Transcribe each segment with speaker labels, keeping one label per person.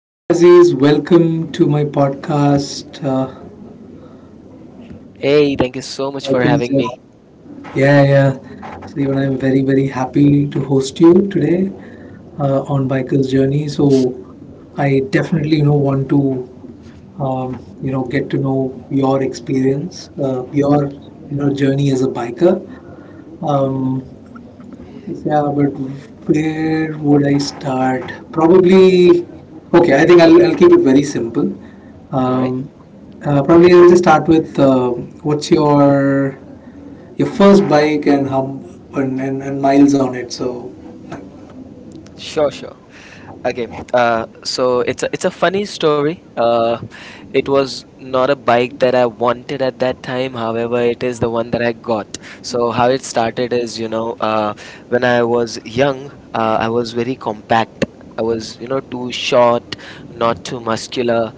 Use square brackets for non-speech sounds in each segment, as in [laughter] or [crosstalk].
Speaker 1: Hi Aziz, welcome to my podcast.
Speaker 2: Hey, thank you so much
Speaker 1: I
Speaker 2: for
Speaker 1: think
Speaker 2: having
Speaker 1: that-
Speaker 2: me.
Speaker 1: yeah, yeah. So even I'm very, very happy to host you today on Biker's Journey. So I definitely want to, get to know your experience, your, journey as a biker. Um, Yeah, but where would I start? Probably, okay, I think I'll keep it very simple.
Speaker 2: All right.
Speaker 1: Um, probably I'll just start with what's your first bike and how and miles on it. So
Speaker 2: Sure, sure. Okay. So it's a funny story. It was not a bike that I wanted at that time. However, it is the one that I got. So how it started is, you know, when I was young, I was very compact. I was, you know, too short, not too muscular.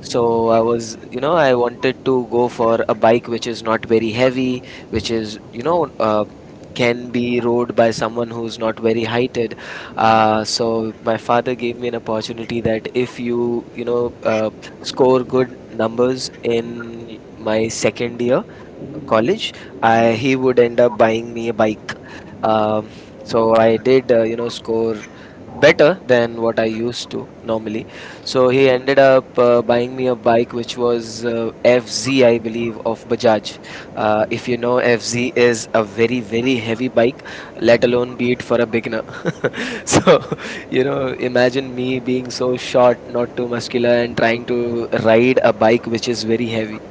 Speaker 2: So I was, you know, I wanted to go for a bike which is not very heavy, which is, you know, can be rowed by someone who's not very heighted. So my father gave me an opportunity that if you you know score good numbers in my second year college, he would end up buying me a bike. Um, so I did you know score better than what I used to normally. So he ended up buying me a bike which was FZ, I believe, of Bajaj. If you know, FZ is a very, very heavy bike, let alone be it for a beginner. [laughs] so, you know, imagine me being so short, not too muscular, and trying to ride a bike which is very heavy.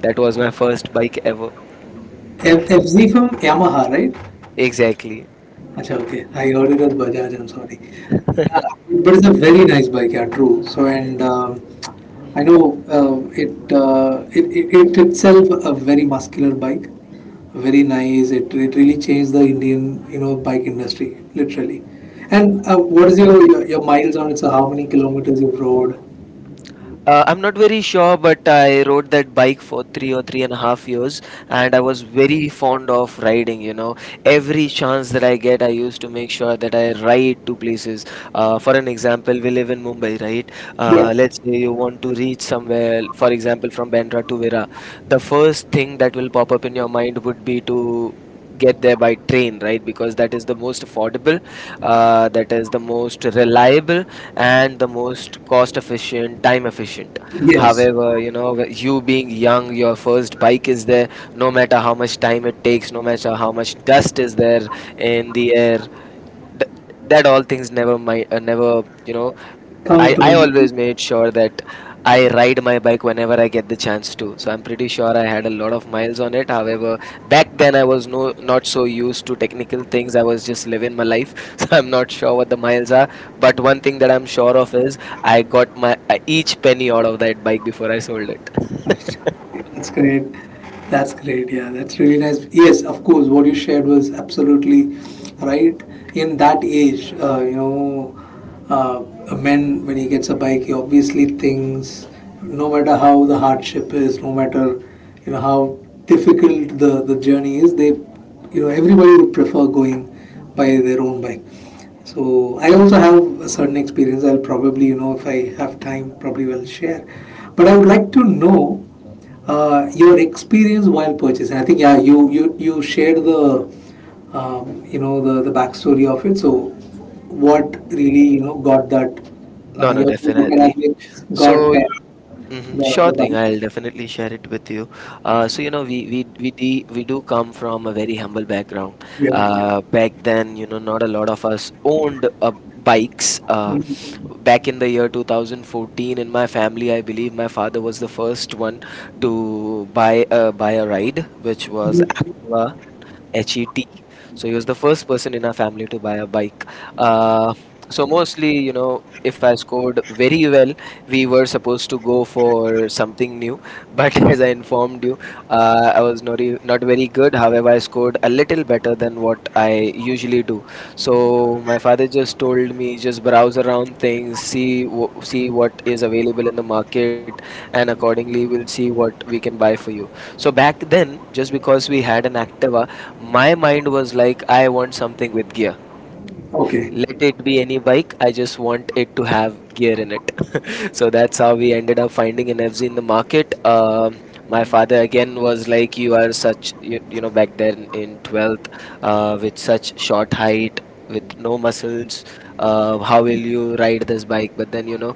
Speaker 2: That was my first bike ever.
Speaker 1: FZ from Yamaha, right?
Speaker 2: Exactly.
Speaker 1: Acha, okay, I heard it as Bajaj. I'm sorry. Yeah, but it's a very nice bike. Yeah, true. So and I know it, it it it itself a very muscular bike. Very nice. It really changed the Indian bike industry, literally. And what is your, your miles on it? So how many kilometers you've rode?
Speaker 2: I'm not very sure, but I rode that bike for three or three and a half years, and I was very fond of riding. You know, every chance that I get, I used to make sure that I ride to places. For an example, we live in Mumbai, right?
Speaker 1: Yeah.
Speaker 2: Let's say you want to reach somewhere, for example, from Bandra to Vera. The first thing that will pop up in your mind would be to get there by train, right? Because that is the most affordable, that is the most reliable and the most cost efficient, time efficient.
Speaker 1: Yes.
Speaker 2: However, you know, you being young, your first bike is there, no matter how much time it takes, no matter how much dust is there in the air. th- that all things never my never, you know,
Speaker 1: Come
Speaker 2: I
Speaker 1: into
Speaker 2: always made sure that I ride my bike whenever I get the chance to. So I'm pretty sure I had a lot of miles on it. However, back then I was no not so used to technical things. I was just living my life. [laughs] So I'm not sure what the miles are. But one thing that I'm sure of is I got my each penny out of that bike before I sold it.
Speaker 1: That's great. That's great. Yeah, that's really nice. Yes, of course, what you shared was absolutely right. In that age, uh, a man, when he gets a bike, he obviously thinks, no matter how the hardship is, no matter how difficult the journey is, everybody would prefer going by their own bike. So I also have a certain experience. I'll probably if I have time, probably will share. But I would like to know your experience while purchasing. I think yeah, you shared the backstory of it. So what really got that
Speaker 2: No, no,
Speaker 1: your food
Speaker 2: definitely.
Speaker 1: mechanics got
Speaker 2: So
Speaker 1: the
Speaker 2: sure
Speaker 1: the back.
Speaker 2: thing. I'll definitely share it with you. So you know, we do come from a very humble background.
Speaker 1: Yeah.
Speaker 2: Back then, you know, not a lot of us owned bikes.
Speaker 1: Mhm.
Speaker 2: Back in the year 2014, in my family, I believe my father was the first one to buy a ride, which was Activa. HET. So he was the first person in our family to buy a bike. Uh, so mostly, you know, if I scored very well, we were supposed to go for something new. But [laughs] as I informed you, I was not not very good. However, I scored a little better than what I usually do. So my father just told me just browse around things, see see what is available in the market, and accordingly we'll see what we can buy for you. So back then, just because we had an Activa, my mind was like I want something with gear.
Speaker 1: Okay,
Speaker 2: Let it be any bike, I just want it to have gear in it. [laughs] So that's how we ended up finding an FZ in the market. My father again was like, you are you know, back then in 12th, with such short height, with no muscles, how will you ride this bike? But then, you know,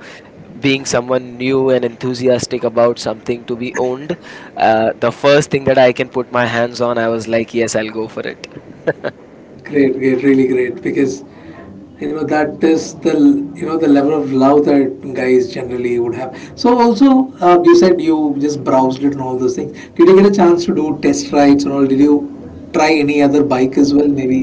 Speaker 2: being someone new and enthusiastic about something to be owned, the first thing that I can put my hands on, I was like yes, I'll go for it. [laughs]
Speaker 1: great, great, really great because. You know that is the the level of love that guys generally would have, so also you said you just browsed it and all those things. Did you get a chance to do test rides and all? Did you try any other bike as well, maybe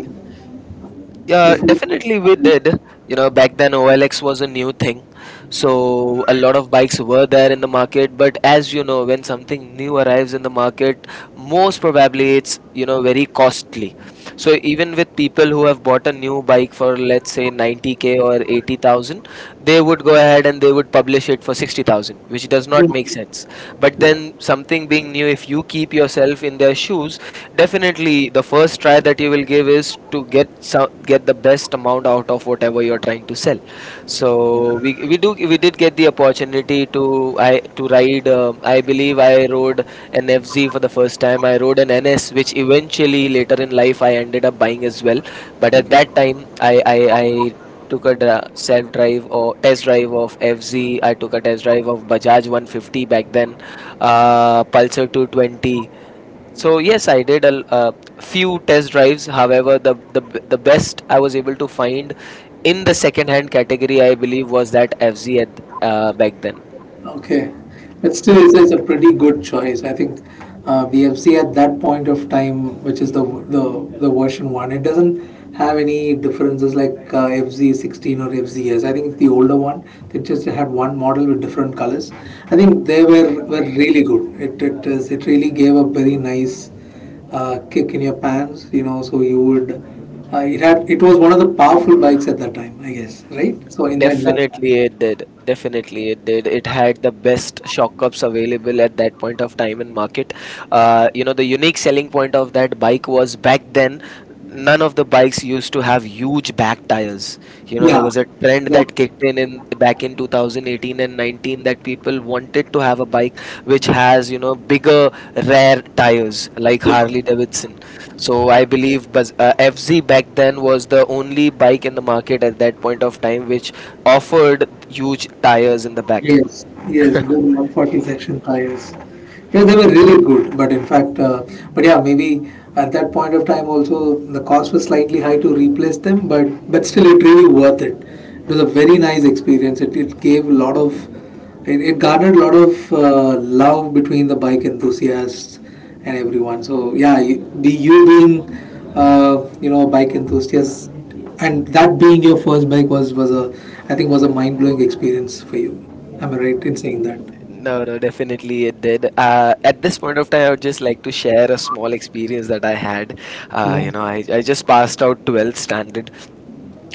Speaker 2: Yeah,
Speaker 1: before
Speaker 2: definitely we did. You know, back then OLX was a new thing. So a lot of bikes were there in the market, but as you know, when something new arrives in the market, most probably it's, you know, very costly. So even with people who have bought a new bike for let's say 90k or 80,000, they would go ahead and they would publish it for 60,000, which does not make sense. But then something being new, if you keep yourself in their shoes, definitely the first try that you will give is to get the best amount out of whatever you're trying to sell. So we did get the opportunity to I to ride. I believe I rode an FZ for the first time. I rode an NS, which eventually later in life I ended up buying as well. But at that
Speaker 1: okay?
Speaker 2: time I took a self drive or test drive of FZ. I took a test drive of Bajaj 150 back then, Pulsar 220. So yes, I did a few test drives. However, the best I was able to find in the second hand category, I believe, was that FZ at, back then.
Speaker 1: Okay, but still, it's a pretty good choice. I think VFC at that point of time, which is the version one, it doesn't have any differences like FZ16 or FZS. I think it's the older one. They just had one model with different colors. I think they were really good. It really gave a very nice kick in your pants. You know, so you would. It had it was one of the powerful bikes at that time, I guess. Right. So in that
Speaker 2: Definitely it did. Definitely it did. It had the best shock ups available at that point of time in market. You know, the unique selling point of that bike was back then none of the bikes used to have huge back tires. You know, there
Speaker 1: yeah.
Speaker 2: was a trend that
Speaker 1: Exactly.
Speaker 2: kicked in back in 2018 and 19 that people wanted to have a bike which has, you know, bigger rare tires like
Speaker 1: Yeah.
Speaker 2: Harley Davidson. So I believe FZ back then was the only bike in the market at that point of time which offered huge tires in the back.
Speaker 1: Yes, yes, good 140 section tires. Yeah, they were really good, but in fact, but yeah, maybe at that point of time also the cost was slightly high to replace them, but still it really worth it. It was a very nice experience. It gave a lot of, it garnered a lot of love between the bike enthusiasts and everyone. So yeah, you being a bike enthusiast and that being your first bike was a mind blowing experience for you. Am I right in saying that?
Speaker 2: No, no, definitely it did. At this point of time, I would just like to share a small experience that I had.
Speaker 1: Yeah.
Speaker 2: You know, I just passed out 12th standard.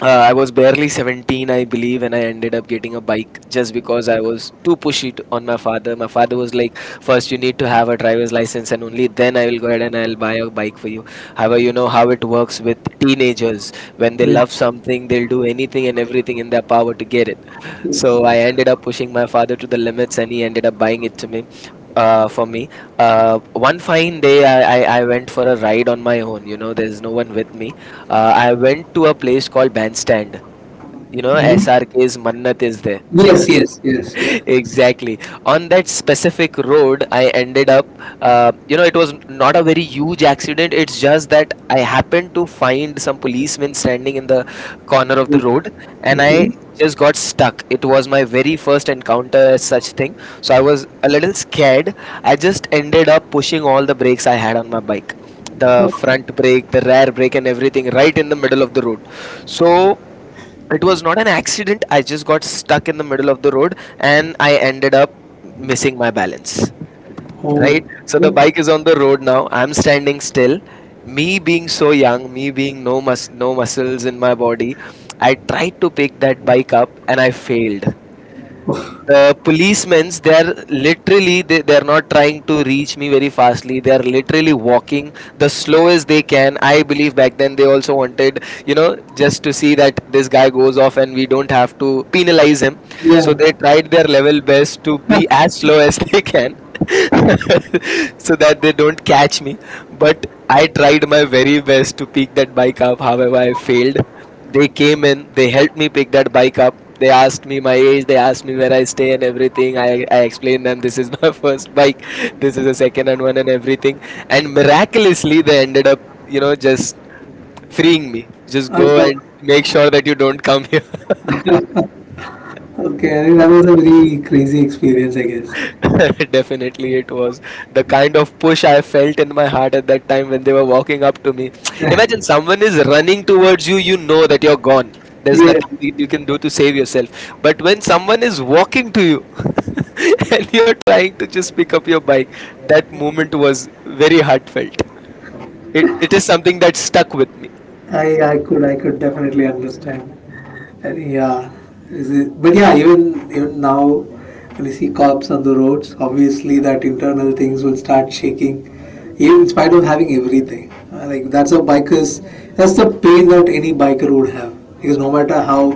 Speaker 2: I was barely 17, I believe, and I ended up getting a bike just because I was too pushy to, on my father. My father was like, first, you need to have a driver's license, and only then I will go ahead and I'll buy a bike for you. However, you know how it works with teenagers. When they
Speaker 1: Yeah.
Speaker 2: love something, they'll do anything and everything in their power to get it.
Speaker 1: Yes.
Speaker 2: So I ended up pushing my father to the limits, and he ended up buying it to me, for me. One fine day, I went for a ride on my own. You know, there's no one with me. I went to a place called Bandstand. You know,
Speaker 1: Mhm.
Speaker 2: SRK's Mannat is there.
Speaker 1: Yes.
Speaker 2: [laughs]
Speaker 1: Yes. Yes. Yeah.
Speaker 2: Exactly. On that specific road, I ended up, you know, it was not a very huge accident. It's just that I happened to find some policemen standing in the corner of the road and
Speaker 1: Okay.
Speaker 2: I just got stuck. It was my very first encounter as such thing. So I was a little scared. I just ended up pushing all the brakes I had on my bike, the front brake, the rear brake, and everything right in the middle of the road. So it was not an accident, I just got stuck in the middle of the road and I ended up missing my balance.
Speaker 1: Oh.
Speaker 2: Right, so the bike is on the road, now I'm standing still. Me being so young, me being no muscles in my body, I tried to pick that bike up and I failed. The policemen's, they're literally, they're not trying to reach me very fastly, they're literally walking the slowest they can. I believe back then they also wanted, you know, just to see that this guy goes off and we don't have to penalize him.
Speaker 1: Yeah.
Speaker 2: So they tried their level best to be as slow as [laughs] they can [laughs] so that they don't catch me. But I tried my very best to pick that bike up. However, I failed. They came in, they helped me pick that bike up. They asked me my age, they asked me where I stay and everything. I explained them this is my [laughs] first bike, this is a second hand one and everything. And miraculously, they ended up, you know, just freeing me. Just
Speaker 1: Uh,
Speaker 2: go
Speaker 1: so-
Speaker 2: and make sure that you don't come here. [laughs]
Speaker 1: Okay. I think that was a very crazy experience, I guess.
Speaker 2: [laughs] Definitely, it was the kind of push I felt in my heart at that time when they were walking up to me. Imagine someone is running towards you, you know that you're gone. There's
Speaker 1: [laughs] Yeah.
Speaker 2: nothing that you can do to save yourself. But when someone is walking to you [laughs] and you're trying to just pick up your bike, that moment was very heartfelt. It is something that stuck with me.
Speaker 1: I could definitely understand. And yeah, but yeah, even now, when you see cops on the roads, obviously that internal things will start shaking, even in spite of having everything. Like that's a bikers, that's the pain that any biker would have, because no matter how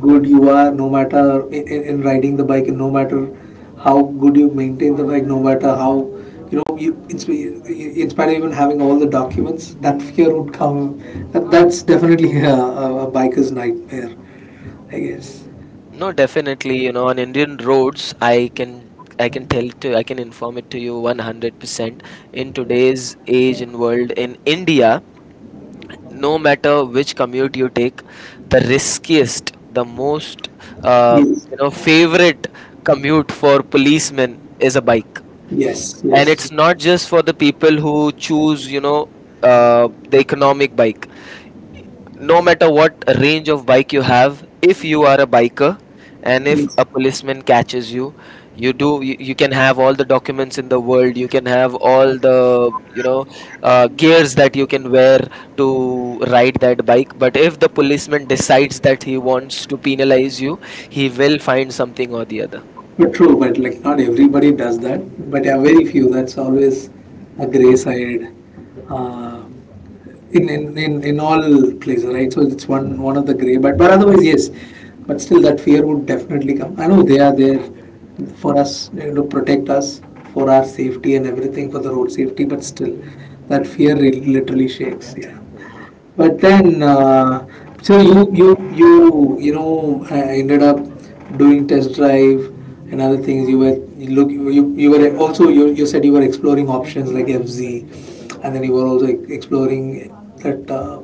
Speaker 1: good you are, no matter in riding the bike, and no matter how good you maintain the bike, no matter how you know, you, in, spite of even having all the documents, that fear would come. That's definitely [laughs] a biker's nightmare, I guess.
Speaker 2: No, definitely, you know, on Indian roads, I can inform it to you 100%. In today's age and world in India, no matter which commute you take, the riskiest, the most uh,
Speaker 1: Yes.
Speaker 2: you know, favorite commute for policemen is a bike.
Speaker 1: Yes.
Speaker 2: And
Speaker 1: Yes.
Speaker 2: it's not just for the people who choose, you know, the economic bike, no matter what range of bike you have. If you are a biker and if a
Speaker 1: Yes.
Speaker 2: policeman catches you, you can have all the documents in the world, you can have all the gears that you can wear to ride that bike. But if the policeman decides that he wants to penalize you, he will find something or the other.
Speaker 1: But true, but like not everybody does that, but yeah, very few. That's always a gray side uh, in all places, right? So it's one of the gray, but otherwise, yes. But still, that fear would definitely come. I know they are there for us, you know, to protect us, for our safety and everything, for the road safety, but still, that fear really, literally shakes. Yeah. But then, so you know ended up doing test drive and other things. You were you look you, you were also You said you were exploring options like FZ, and then you were also exploring that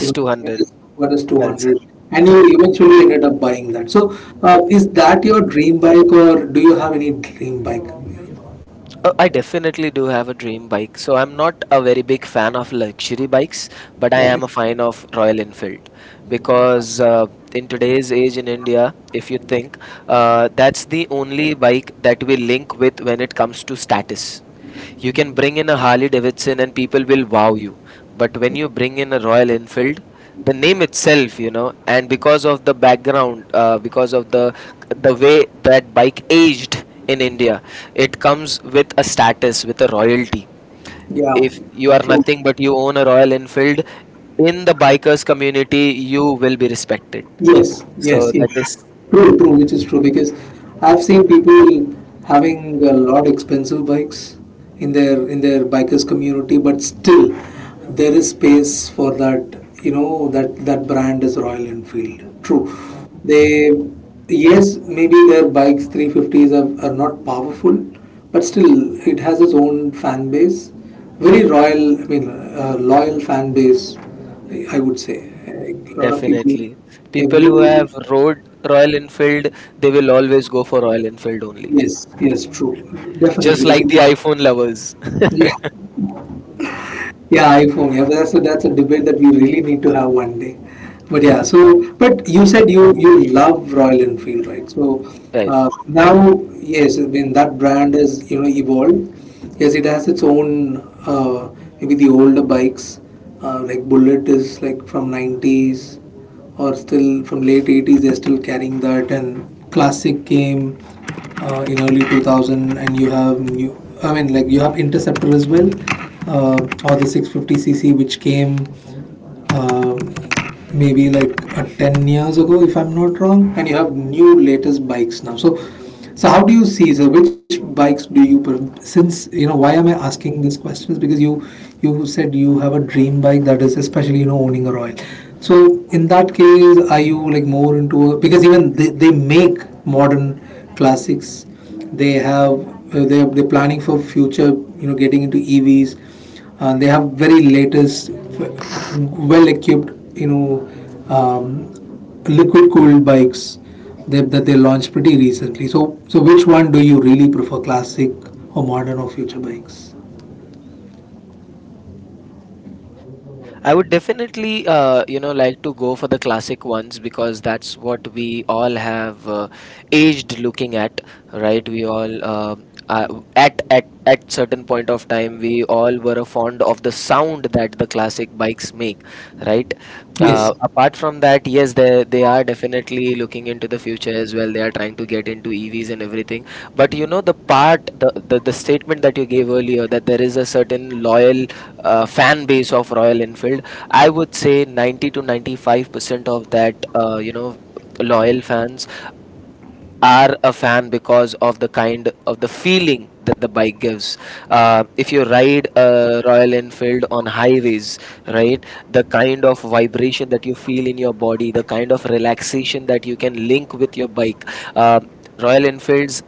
Speaker 1: you know
Speaker 2: 200.
Speaker 1: what is
Speaker 2: Pulsar.
Speaker 1: 200, and you eventually ended up buying that. So, is that your dream bike, or do you have any dream bike?
Speaker 2: I definitely do have a dream bike. So I'm not a very big fan of luxury bikes, but I
Speaker 1: Okay.
Speaker 2: am a fan of Royal Enfield, because in today's age in India, if you think, that's the only bike that we link with when it comes to status. You can bring in a Harley Davidson and people will wow you. But when you bring in a Royal Enfield, the name itself, you know, and because of the background, because of the way that bike aged in India, it comes with a status, with a royalty.
Speaker 1: Yeah.
Speaker 2: If you are
Speaker 1: True.
Speaker 2: nothing but you own a Royal Enfield, in the bikers community, you will be respected.
Speaker 1: Yes, yes,
Speaker 2: So
Speaker 1: yes.
Speaker 2: that is
Speaker 1: True, true, which is true because I've seen people having a lot expensive bikes in their bikers community, but still there is space for that that brand is Royal Enfield. True. They Yes, maybe their bikes 350s are not powerful, but still it has its own fan base. Very royal, I mean, loyal fan base, I would say. Like a lot of people,
Speaker 2: definitely. People who
Speaker 1: every
Speaker 2: have rode Royal Enfield, they will always go for Royal Enfield only.
Speaker 1: yes, yes, true,
Speaker 2: Just
Speaker 1: definitely.
Speaker 2: like the
Speaker 1: Because,
Speaker 2: iPhone lovers. [laughs]
Speaker 1: yeah, yeah, iPhone. Yeah, but that's a, debate that we really need to have one day. But yeah, so but you said you love Royal Enfield, right? So
Speaker 2: Right.
Speaker 1: now, yes, I mean that brand is evolved. Yes, it has its own uh, maybe the older bikes. Like Bullet is like from '90s or still from late '80s they're still carrying that, and classic came in early 2000, and you have new, I mean, like, you have interceptor as well, uh, or the 650cc which came uh, maybe like 10 years ago, if I'm not wrong. And you have new latest bikes now, so how do you see? So which bikes do you since you know, why am I asking this question is because you said you have a dream bike, that is, especially, you know, owning a Royal. So in that case, are you like more into a, because even they make modern classics. They have they're planning for future. You know, getting into EVs. They have very latest, well equipped. You know. Um, Liquid cooled bikes that they launched pretty recently. So, which one do you really prefer, classic or modern or future bikes?
Speaker 2: I would definitely you know like to go for the classic ones, because that's what we all have aged looking at, right? we all uh, at certain point of time we all were fond of the sound that the classic bikes make, right?
Speaker 1: Yes.
Speaker 2: Apart from that, yes, they are definitely looking into the future as well. They are trying to get into EVs and everything. But you know the part, the statement that you gave earlier, that there is a certain loyal fan base of Royal Enfield. I would say 90 to 95% of that you know loyal fans are a fan because of the kind of the feeling that the bike gives. If you ride a Royal Enfield on highways, right, the kind of vibration that you feel in your body, the kind of relaxation that you can link with your bike. Uh, Royal Enfields,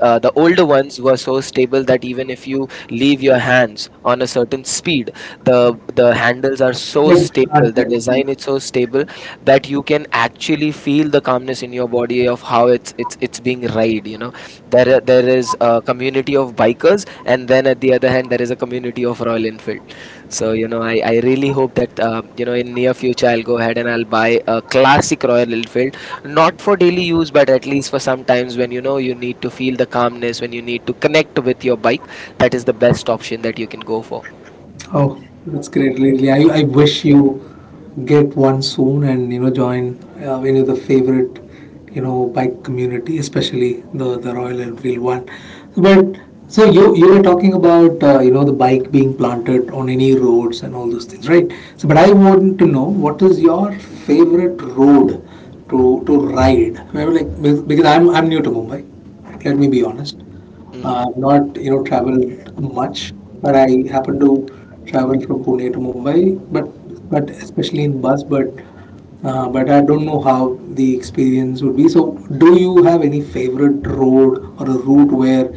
Speaker 2: the older ones were so stable that even if you leave your hands on a certain speed, the handles are so stable, the
Speaker 1: let
Speaker 2: design is so stable, that you can actually feel the calmness in your body of how it's being ride, you know. There is a community of bikers, and then at the other hand there is a community of Royal Enfield. So you know, I really hope that you know in near future I'll go ahead and I'll buy a classic Royal Enfield, not for daily use, but at least for some times when you know you need to feel the calmness, when you need to connect with your bike. That is the best option that you can go for.
Speaker 1: Oh, that's great, really. I wish you get one soon and join any of the favorite bike community, especially the Royal Enfield one. But so you were talking about the bike being planted on any roads and all those things, right? So, but I want to know what is your favorite road to ride? Maybe like because I'm new to Mumbai. Let me be honest.
Speaker 2: Hmm.
Speaker 1: I've not traveled much, but I happen to travel from Pune to Mumbai, but especially in bus, but I don't know how the experience would be. So, do you have any favorite road or a route where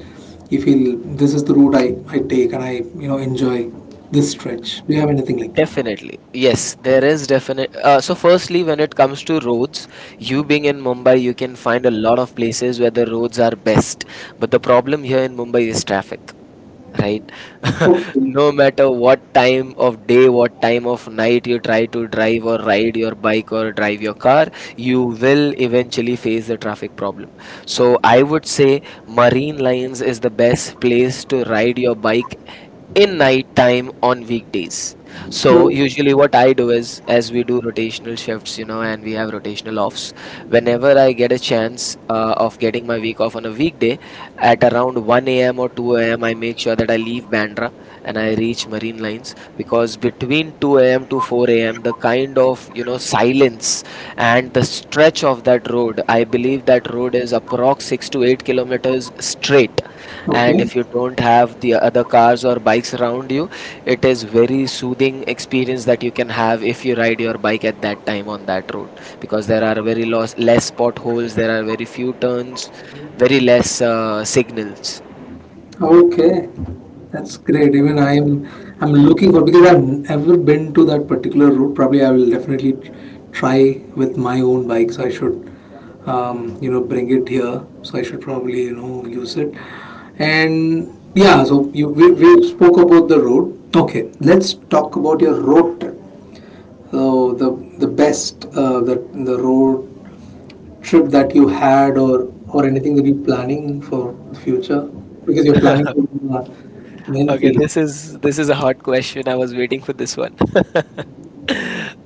Speaker 1: you feel this is the route I take and I enjoy this stretch? Do you have anything like that?
Speaker 2: Definitely. Yes, there is definite. So, firstly, when it comes to roads, you being in Mumbai, you can find a lot of places where the roads are best. But the problem here in Mumbai is traffic, right? [laughs] No matter what time of day, what time of night you try to drive or ride your bike or drive your car, you will eventually face the traffic problem. So, I would say Marine Lines is the best place to ride your bike in night time on weekdays. So
Speaker 1: Oh,
Speaker 2: usually what I do is, as we do rotational shifts, you know, and we have rotational offs. Whenever I get a chance of getting my week off on a weekday, at around 1 a.m. or 2 a.m., I make sure that I leave Bandra and I reach Marine Lines, because between 2 a.m. to 4 a.m., the kind of you know silence and the stretch of that road, I believe that road is approx 6 to 8 kilometers straight, and
Speaker 1: okay.
Speaker 2: if you don't have the other cars or bikes around you, it is very soothing experience that you can have if you ride your bike at that time on that road, because there are very less, less potholes, there are very few turns, very less signals.
Speaker 1: Okay, that's great. Even I'm looking for, because I've never been to that particular route. Probably I will definitely try with my own bike. So I should, bring it here. So I should probably use it. And yeah, so we spoke about the road. Okay, let's talk about your road trip. So the best, the road trip that you had, or anything that you're planning for the future? Because you're planning to main
Speaker 2: Okay,
Speaker 1: field.
Speaker 2: this is a hard question. I was waiting for this one. [laughs]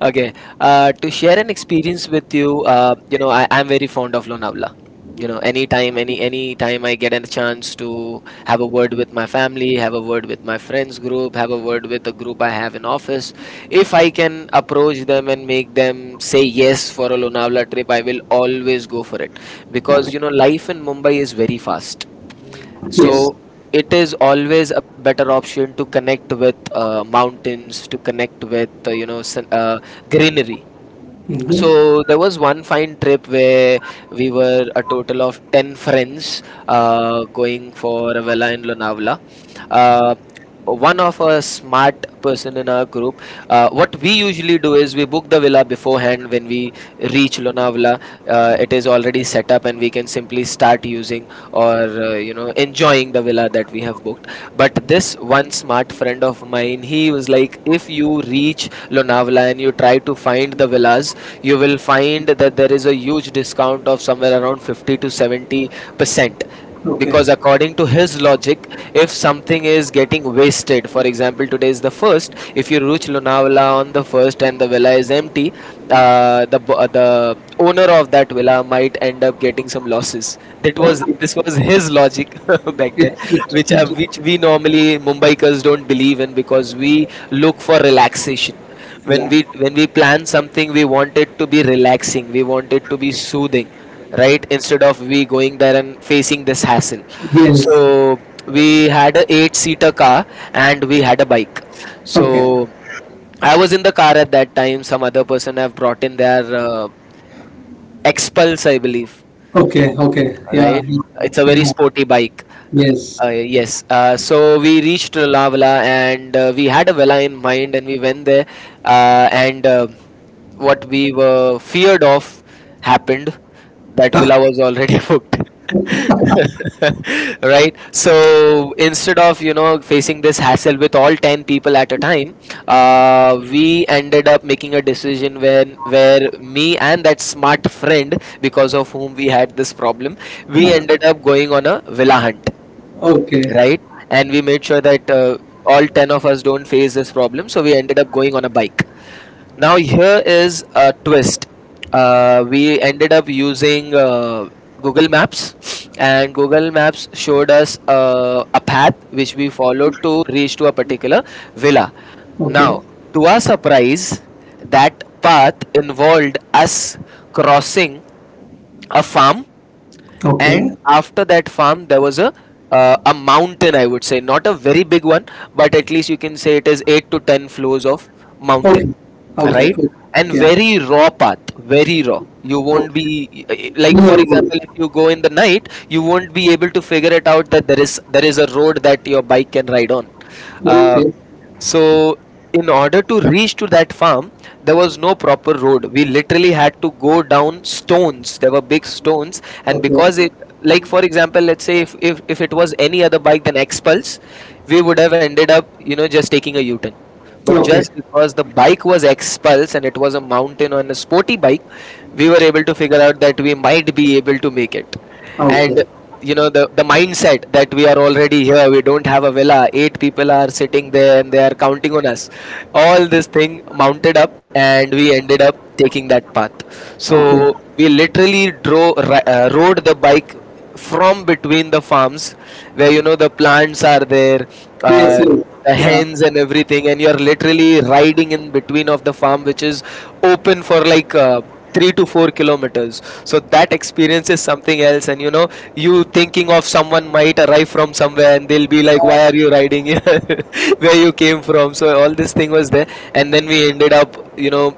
Speaker 2: Okay, to share an experience with you, you know, I'm very fond of Lonavala. You know, anytime, any time I get a chance to have a word with my family, have a word with my friends group, have a word with a group I have in office, if I can approach them and make them say yes for a Lonavala trip, I will always go for it,
Speaker 1: Okay.
Speaker 2: because you know life in Mumbai is very fast.
Speaker 1: Yes.
Speaker 2: So it is always a better option to connect with mountains, to connect with you know sun, greenery.
Speaker 1: Mm-hmm.
Speaker 2: So there was one fine trip where we were a total of 10 friends going for a villa in Lonavala. Uh, one of a smart person in our group, what we usually do is we book the villa beforehand, when we reach Lonavala. It is already set up and we can simply start using or you know enjoying the villa that we have booked. But this one smart friend of mine. He was like, if you reach Lonavala and you try to find the villas, you will find that there is a huge discount of somewhere around 50 to 70 percent.
Speaker 1: Okay.
Speaker 2: Because according to his logic, if something is getting wasted, for example, today is the first. If you reach Lonavala on the first and the villa is empty, the owner of that villa might end up getting some losses. That was
Speaker 1: Okay.
Speaker 2: this was his is logic [laughs] back then,
Speaker 1: It's interesting.
Speaker 2: which we normally mumbaikars don't believe in, because we look for relaxation. When
Speaker 1: Yeah.
Speaker 2: we plan something, we want it to be relaxing, we want it to be soothing, right? Instead of we going there and facing this hassle.
Speaker 1: Yes.
Speaker 2: So we had a eight seater car and we had a bike. So
Speaker 1: Okay.
Speaker 2: I was in the car at that time. Some other person have brought in their expulse, I believe,
Speaker 1: Okay. Okay. Yeah.
Speaker 2: right? It's a very
Speaker 1: Yeah.
Speaker 2: sporty bike.
Speaker 1: Yes.
Speaker 2: Yes. So we reached Lonavala and we had a Vela in mind and we went there. And what we were feared of happened. That
Speaker 1: Ah.
Speaker 2: Vela
Speaker 1: Okay.
Speaker 2: was already [laughs] booked. [laughs] Right. So instead of you know facing this hassle with all 10 people at a time, we ended up making a decision when where me and that smart friend, because of whom we had this problem, we ended up going on a villa hunt,
Speaker 1: Okay.
Speaker 2: right? And we made sure that all 10 of us don't face this problem, so we ended up going on a bike. Now here is a twist. We ended up using Google Maps, and Google Maps showed us a path which we followed to reach to a particular villa.
Speaker 1: Okay.
Speaker 2: Now, to our surprise, that path involved us crossing a farm, and
Speaker 1: Okay.
Speaker 2: after that farm there was a a mountain. I would say not a very big one, but at least you can say it is 8 to 10 floors of mountain,
Speaker 1: Okay. Okay.
Speaker 2: right? And
Speaker 1: Yeah.
Speaker 2: very raw path, very raw. You won't
Speaker 1: Okay.
Speaker 2: be, like for
Speaker 1: Liverpool.
Speaker 2: example, if you go in the night you won't be able to figure it out that there is a road that your bike can ride on. uh,
Speaker 1: Okay.
Speaker 2: so, in order to reach to that farm, there was no proper road. We literally had to go down stones. There were big stones, and
Speaker 1: Okay.
Speaker 2: because it, like for example, let's say if if it was any other bike than X Pulse, we would have ended up, you know, just taking a U-turn. But
Speaker 1: Okay.
Speaker 2: just because the bike was expulsed and it was a mountain on a sporty bike, we were able to figure out that we might be able to make it. And
Speaker 1: Okay.
Speaker 2: you know the mindset that we are already here, we don't have a villa. Eight people are sitting there and they are counting on us. All this thing mounted up, and we ended up taking that path.
Speaker 1: Okay.
Speaker 2: So we literally rode the bike from between the farms where the plants are there,
Speaker 1: Yes,
Speaker 2: uh,
Speaker 1: yes.
Speaker 2: the
Speaker 1: Yeah.
Speaker 2: hens and everything, and you're literally riding in between of the farm, which is open for like 3 to 4 kilometers. So that experience is something else. And you thinking of someone might arrive from somewhere and they'll be like, "Why are you riding here [laughs] where you came from?" So all this thing was there. And then we ended up,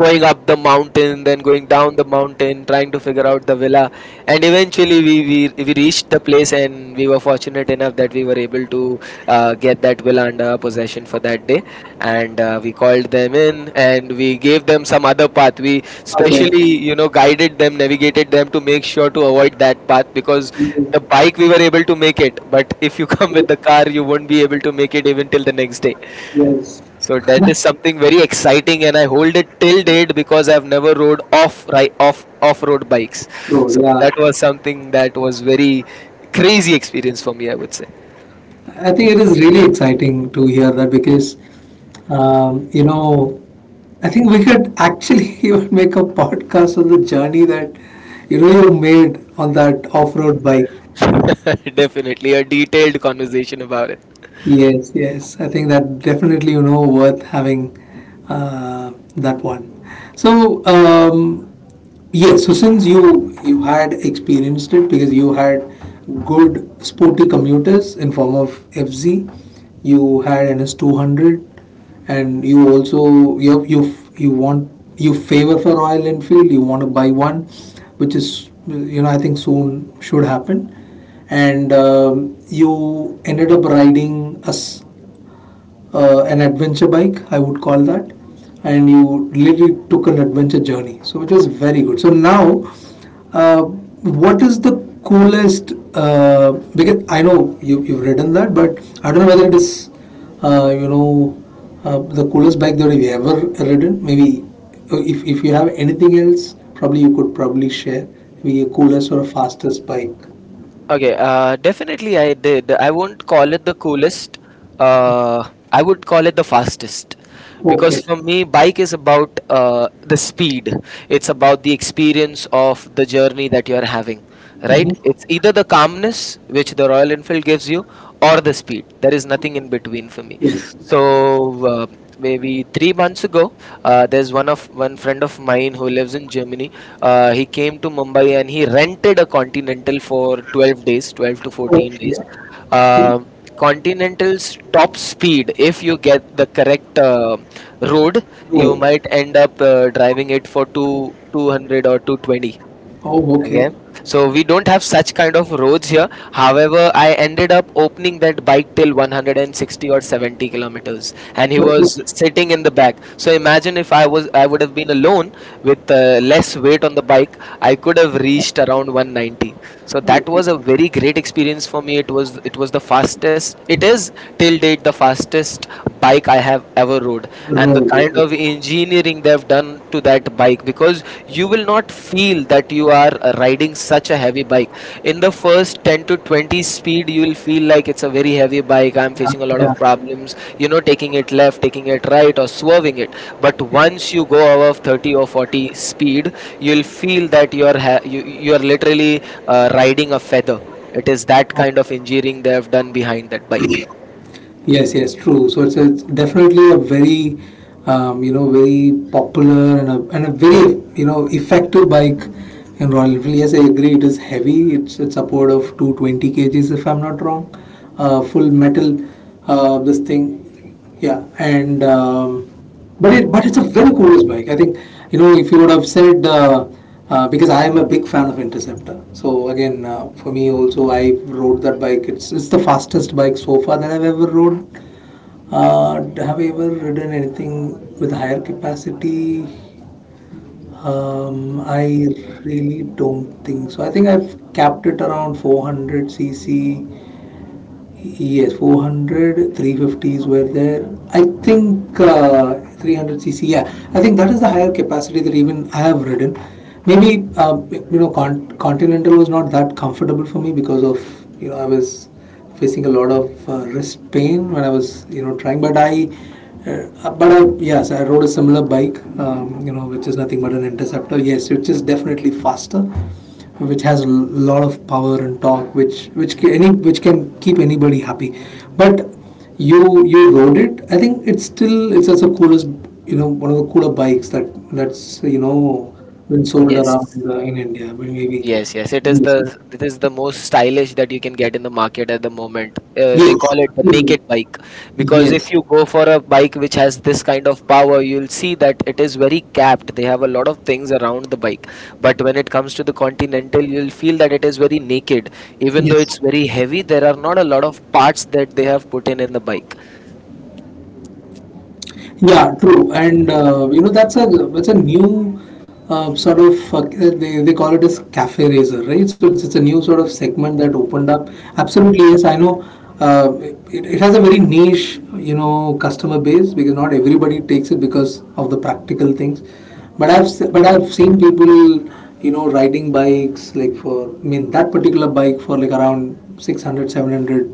Speaker 2: going up the mountain, then going down the mountain, trying to figure out the villa. And eventually we reached the place, and we were fortunate enough that we were able to get that villa under our possession for that day. And we called them in, and we gave them some other path. We
Speaker 1: Okay.
Speaker 2: specially, guided them, navigated them to make sure to avoid that path, because
Speaker 1: Yes.
Speaker 2: the bike we were able to make it, but if you [laughs] come with the car, you won't be able to make it even till the next day.
Speaker 1: Yes.
Speaker 2: So that is something very exciting, and I hold it till date because I've never rode off right off off road bikes.
Speaker 1: Oh,
Speaker 2: So
Speaker 1: yeah.
Speaker 2: that was something that was very crazy experience for me, I would say.
Speaker 1: I think it is really exciting to hear that because, um, you know, I think we could actually [laughs] even make a podcast on the journey that you made on that off-road bike.
Speaker 2: [laughs] Definitely a detailed conversation about it.
Speaker 1: Yes, yes. I think that definitely worth having that one. So, yeah, so since you had experienced it because you had good sporty commuters in form of FZ, you had NS 200, and you also you favor for Royal Enfield. You want to buy one, which is I think soon should happen, and you ended up riding an adventure bike, I would call that, and you really took an adventure journey. So it was very good. So now, uh, what is the coolest? Because I know you've ridden that, but I don't know whether it is, uh, you know, the coolest bike that you've ever ridden. Maybe if you have anything else, probably you could probably share. Maybe a coolest or a fastest bike.
Speaker 2: Okay, definitely I did. I won't call it the coolest. I would call it the fastest. Because
Speaker 1: Okay.
Speaker 2: for me, bike is about the speed. It's about the experience of the journey that you're having, right? It's
Speaker 1: Mm-hmm.
Speaker 2: either the calmness, which the Royal Enfield gives you, or the speed. There is nothing in between for me.
Speaker 1: Yes.
Speaker 2: So, maybe 3 months ago, there's one friend of mine who lives in Germany. He came to Mumbai and he rented a Continental for 12 days, 12 to 14
Speaker 1: Okay.
Speaker 2: days
Speaker 1: Okay.
Speaker 2: Um Continental's top speed, if you get the correct road, you
Speaker 1: Road.
Speaker 2: might end up driving it for 2 200 or 220.
Speaker 1: Oh,
Speaker 2: Again,
Speaker 1: okay.
Speaker 2: so we don't have such kind of roads here. However, I ended up opening that bike till 160 or 70 kilometers, and he
Speaker 1: Okay.
Speaker 2: was sitting in the back. So imagine if I would have been alone with less weight on the bike, I could have reached around 190. So that
Speaker 1: Okay.
Speaker 2: was a very great experience for me. It was, it was the fastest. It is till date the fastest bike I have ever rode. And the
Speaker 1: Road.
Speaker 2: kind
Speaker 1: Okay.
Speaker 2: of engineering they've done to that bike, because you will not feel that you are riding such a heavy bike. In the first 10 to 20 speed, you will feel like it's a very heavy bike, I'm
Speaker 1: Yeah.
Speaker 2: facing a lot
Speaker 1: Yeah.
Speaker 2: of problems, taking it left, taking it right, or swerving it. But once you go above 30 or 40 speed, you'll feel that you're literally riding a feather. It is that kind of engineering they have done behind that bike.
Speaker 1: Yes. Yes, true. So it's definitely a very, very popular and and a very effective bike in Royal Enfield. Yes, I agree. It is heavy. It's upward of 220 kgs if I'm not wrong. Full metal. This thing. Yeah, and but it's a very coolest bike. I think if you would have said because I am a big fan of Interceptor. So again, for me also, I rode that bike. It's the fastest bike so far that I've ever rode. Uh, have I ever ridden anything with higher capacity? I really don't think so. I think I've capped it around 400 cc. Yes, 400, 350s were there. I think 300 cc, yeah. I think that is the higher capacity that even I have ridden. Maybe, Continental was not that comfortable for me because of, I was facing a lot of wrist pain when I was, trying. But I, yes, I rode a similar bike, which is nothing but an Interceptor. Yes, which is definitely faster, which has a lot of power and torque, which can keep anybody happy. But you rode it. I think it's still it's as also coolest, one of the cooler bikes that's been sold around
Speaker 2: Yes.
Speaker 1: in India. Maybe
Speaker 2: Yes, it is the,
Speaker 1: yes,
Speaker 2: it is the most stylish that you can get in the market at the moment. They
Speaker 1: yes,
Speaker 2: call it a naked bike, because if
Speaker 1: yes,
Speaker 2: you go for a bike which has this kind of power, you'll see that it is very capped. They have a lot of things around the bike, but when it comes to the Continental, you'll feel that it is very naked. Even though
Speaker 1: yes.
Speaker 2: it's very heavy, there are not a lot of parts that they have put in the bike.
Speaker 1: Yeah, true. And that's a new sort of. They call it as cafe razor, right? So it's a new sort of segment that opened up. Absolutely, yes, I know. Uh, it has a very niche, customer base because not everybody takes it because of the practical things. But I've seen people, riding bikes like for I mean that particular bike for like around 600 700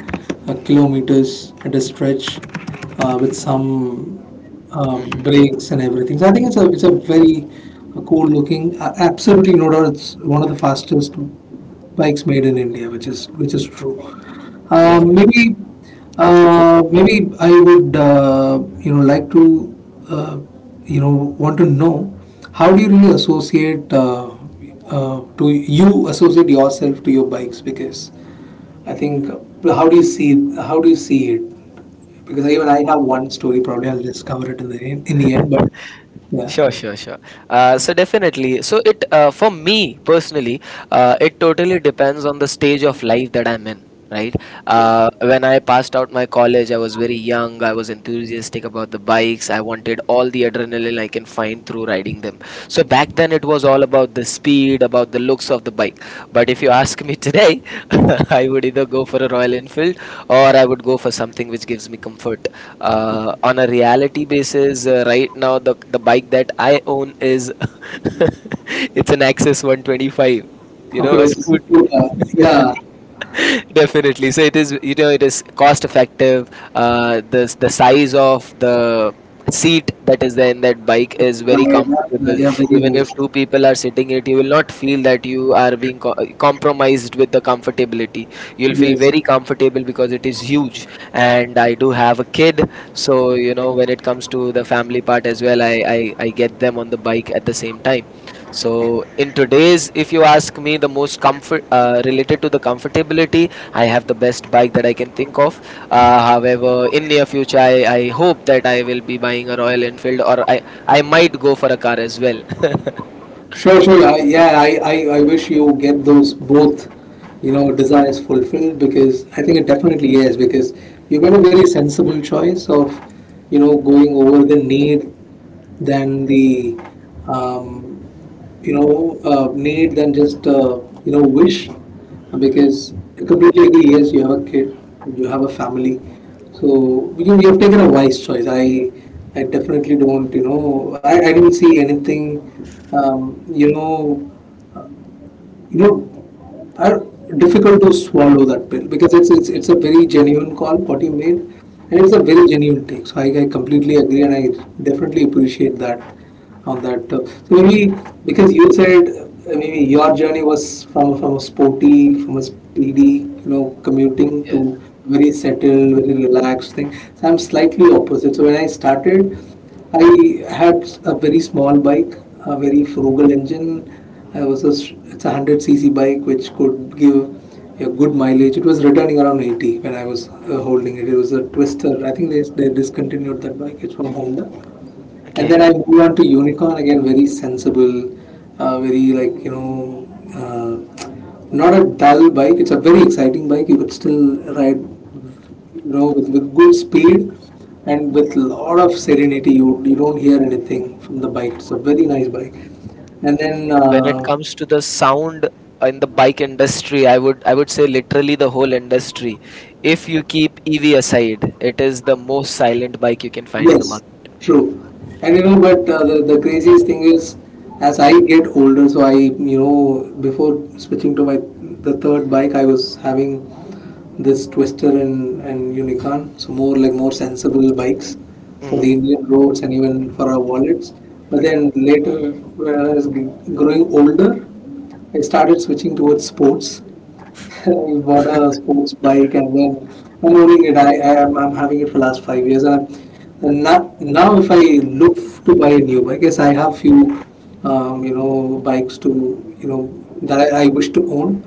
Speaker 1: kilometers at a stretch with some um,
Speaker 2: Hmm.
Speaker 1: brakes and everything. So I think it's a very cool looking. Absolutely no doubt, it's one of the fastest bikes made in India, which is true. Um, maybe maybe I would like to uh, you know want to know how do you really associate to you associate yourself to your bikes, because I think how do you see it, because even I have one story, probably I'll just cover it in the end, in the end. But yeah,
Speaker 2: Sure, sure. So definitely, so it, for me personally, it totally depends on the stage of life that I'm in. Right. When I passed out my college, I was very young. I was enthusiastic about the bikes. I wanted all the adrenaline I can find through riding them. So back then, it was all about the speed, about the looks of the bike. But if you ask me today, [laughs] I would either go for a Royal Enfield or I would go for something which gives me comfort. On a reality basis, right now the bike that I own is [laughs] it's an Axis 125. You
Speaker 1: okay,
Speaker 2: know, a
Speaker 1: well, it's a
Speaker 2: scooty.
Speaker 1: seafood.
Speaker 2: [laughs]
Speaker 1: Yeah,
Speaker 2: [laughs] Definitely. So it is, you know, it is cost effective. The size of the seat that is there in that bike is very
Speaker 1: yeah,
Speaker 2: comfortable.
Speaker 1: yeah, very
Speaker 2: Even
Speaker 1: nice.
Speaker 2: if two people are sitting it, you will not feel that you are being compromised with the comfortability. You'll feel
Speaker 1: Yes,
Speaker 2: very comfortable because it is huge. And I do have a kid, so, you know, when it comes to the family part as well, I get them on the bike at the same time. So, in today's, if you ask me, the most comfort, related to the comfortability, I have the best bike that I can think of. However, in near future, I hope that I will be buying a Royal Enfield, or I might go for a car as well. [laughs]
Speaker 1: sure, sure. Yeah, I wish you get those both, desires fulfilled because I think it definitely is because you made a very sensible choice of, going over the need than the um, need than just wish, because I completely agree. Yes, you have a kid, you have a family, so you have taken a wise choice. I definitely don't I didn't see anything, um, you know are difficult to swallow that pill, because it's a very genuine call what you made, and it's a very genuine take. So I completely agree, and I definitely appreciate that on that. So maybe because you said maybe your journey was from a sporty, from a speedy, commuting
Speaker 2: Yeah.
Speaker 1: to very settled, very relaxed thing. So I'm slightly opposite. So when I started, I had a very small bike, a very frugal engine. I was a it's a 100 cc bike which could give a good mileage. It was returning around 80 when I was holding it. It was a Twister. I think they discontinued that bike. It's from Honda. And
Speaker 2: Okay.
Speaker 1: then I moved on to Unicorn again, very sensible, very like, uh, not a dull bike. It's a very exciting bike. You could still ride with good speed and with lot of serenity. You don't hear anything from the bike. It's a very nice bike. And then
Speaker 2: When it comes to the sound in the bike industry, I would say literally the whole industry, if you keep ev aside, it is the most silent bike you can find in the
Speaker 1: yes,
Speaker 2: market.
Speaker 1: true. And but the craziest thing is, as I get older. So before switching to my the third bike, I was having this Twister and Unicorn, so more like more sensible bikes for the
Speaker 2: Mm-hmm.
Speaker 1: Indian roads and even for our wallets. But then later, when I was growing older, I started switching towards sports. [laughs] I bought a sports bike, and then I'm owning it. I'm having it for last 5 years. And now, if I look to buy a new bike, yes, I have few bikes to you know that I wish to own.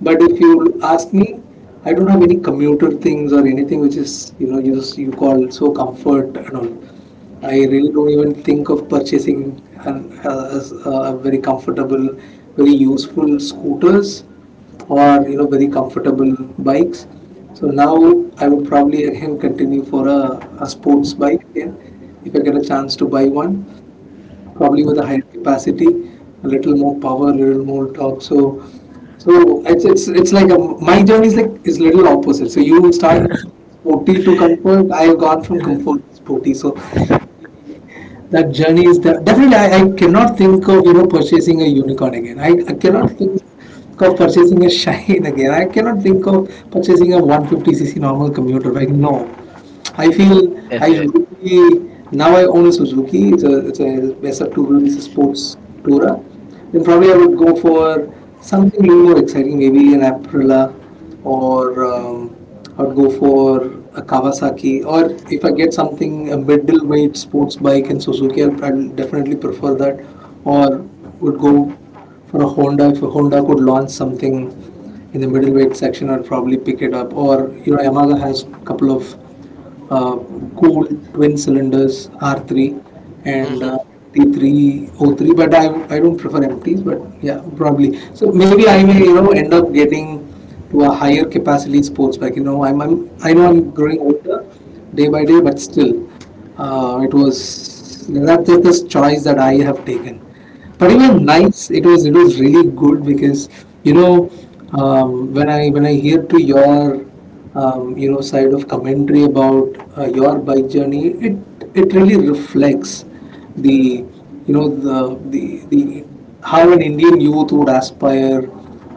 Speaker 1: But if you ask me, I don't have any commuter things or anything which is you call so comfort and all. I
Speaker 2: Mm-hmm.
Speaker 1: really don't even think of purchasing an as a very comfortable, very useful scooters or very comfortable bikes. So now I would probably again continue for a sports bike again, if I get a chance to buy one, probably with a higher capacity, a little more power, a little more torque. So it's like my journey is like is little opposite. So you start sporty to comfort. I have gone from comfort to sporty. So that journey is definitely I cannot think of purchasing a Unicorn again. I cannot think of purchasing a Shine [laughs] again. I cannot think of purchasing a 150 cc normal commuter, like, no. I feel I
Speaker 2: Definite.
Speaker 1: really now I own a Suzuki. It's a SF Tourer. It's a sports tourer. Then probably I would go for something a little more exciting, maybe an Aprilia, or I would go for a Kawasaki, or if I get something a middleweight sports bike in Suzuki, I'd definitely prefer that, or would go for a Honda if a Honda could launch something in the middleweight section. I'd probably pick it up, or Yamaha has a couple of uh, cool twin cylinders, R3 and
Speaker 2: Mm-hmm.
Speaker 1: T303. But I don't prefer empties. But yeah, probably. So maybe I may end up getting to a higher capacity sports bike. You know, I know I'm growing older day by day, but still, it was that's just the choice that I have taken. But even nights, it was really good because you know when I hear to your side of commentary about your bike journey, it really reflects the you know the the the how an Indian youth would aspire,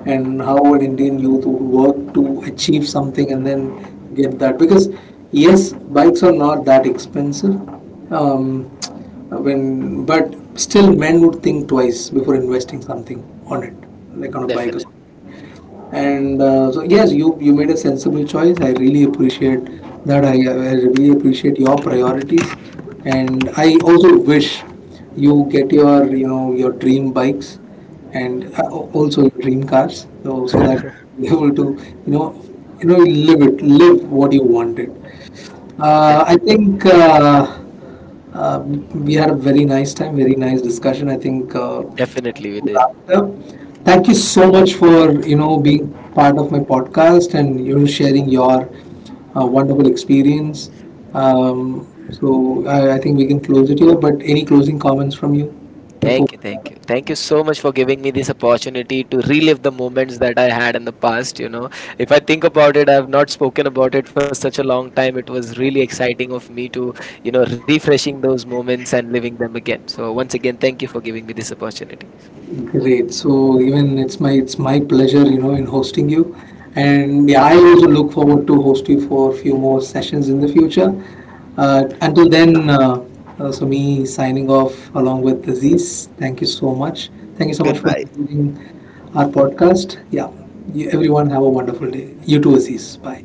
Speaker 1: and how an Indian youth would work to achieve something and then get that. Because yes, bikes are not that expensive. Um, when But still, men would think twice before investing something on it, like on a bike or
Speaker 2: Definite.
Speaker 1: something. And so yes, you made a sensible choice. I really appreciate that. I really appreciate your priorities, and I also wish you get your you know your dream bikes, and also your dream cars. So that [laughs] you're able to live it, live what you wanted. I
Speaker 2: Definite.
Speaker 1: think. Uh, we had a very nice time, very nice discussion. I think
Speaker 2: Definitely we
Speaker 1: to
Speaker 2: did.
Speaker 1: wrap it up. Thank you so much for being part of my podcast, and sharing your wonderful experience. So I think we can close it here. But any closing comments from you before?
Speaker 2: Thank you, Thank you so much for giving me this opportunity to relive the moments that I had in the past. You know, if I think about it, I have not spoken about it for such a long time. It was really exciting of me to, you know, refreshing those moments and living them again. So, once again, thank you for giving me this opportunity.
Speaker 1: Great. So even it's my pleasure, in hosting you. And yeah, I also look forward to host you for a few more sessions in the future. Until then, so me signing off along with Aziz. Thank you so much. Thank you so much for
Speaker 2: Goodbye.
Speaker 1: including our podcast. Yeah, everyone have a wonderful day. You too, Aziz. Bye.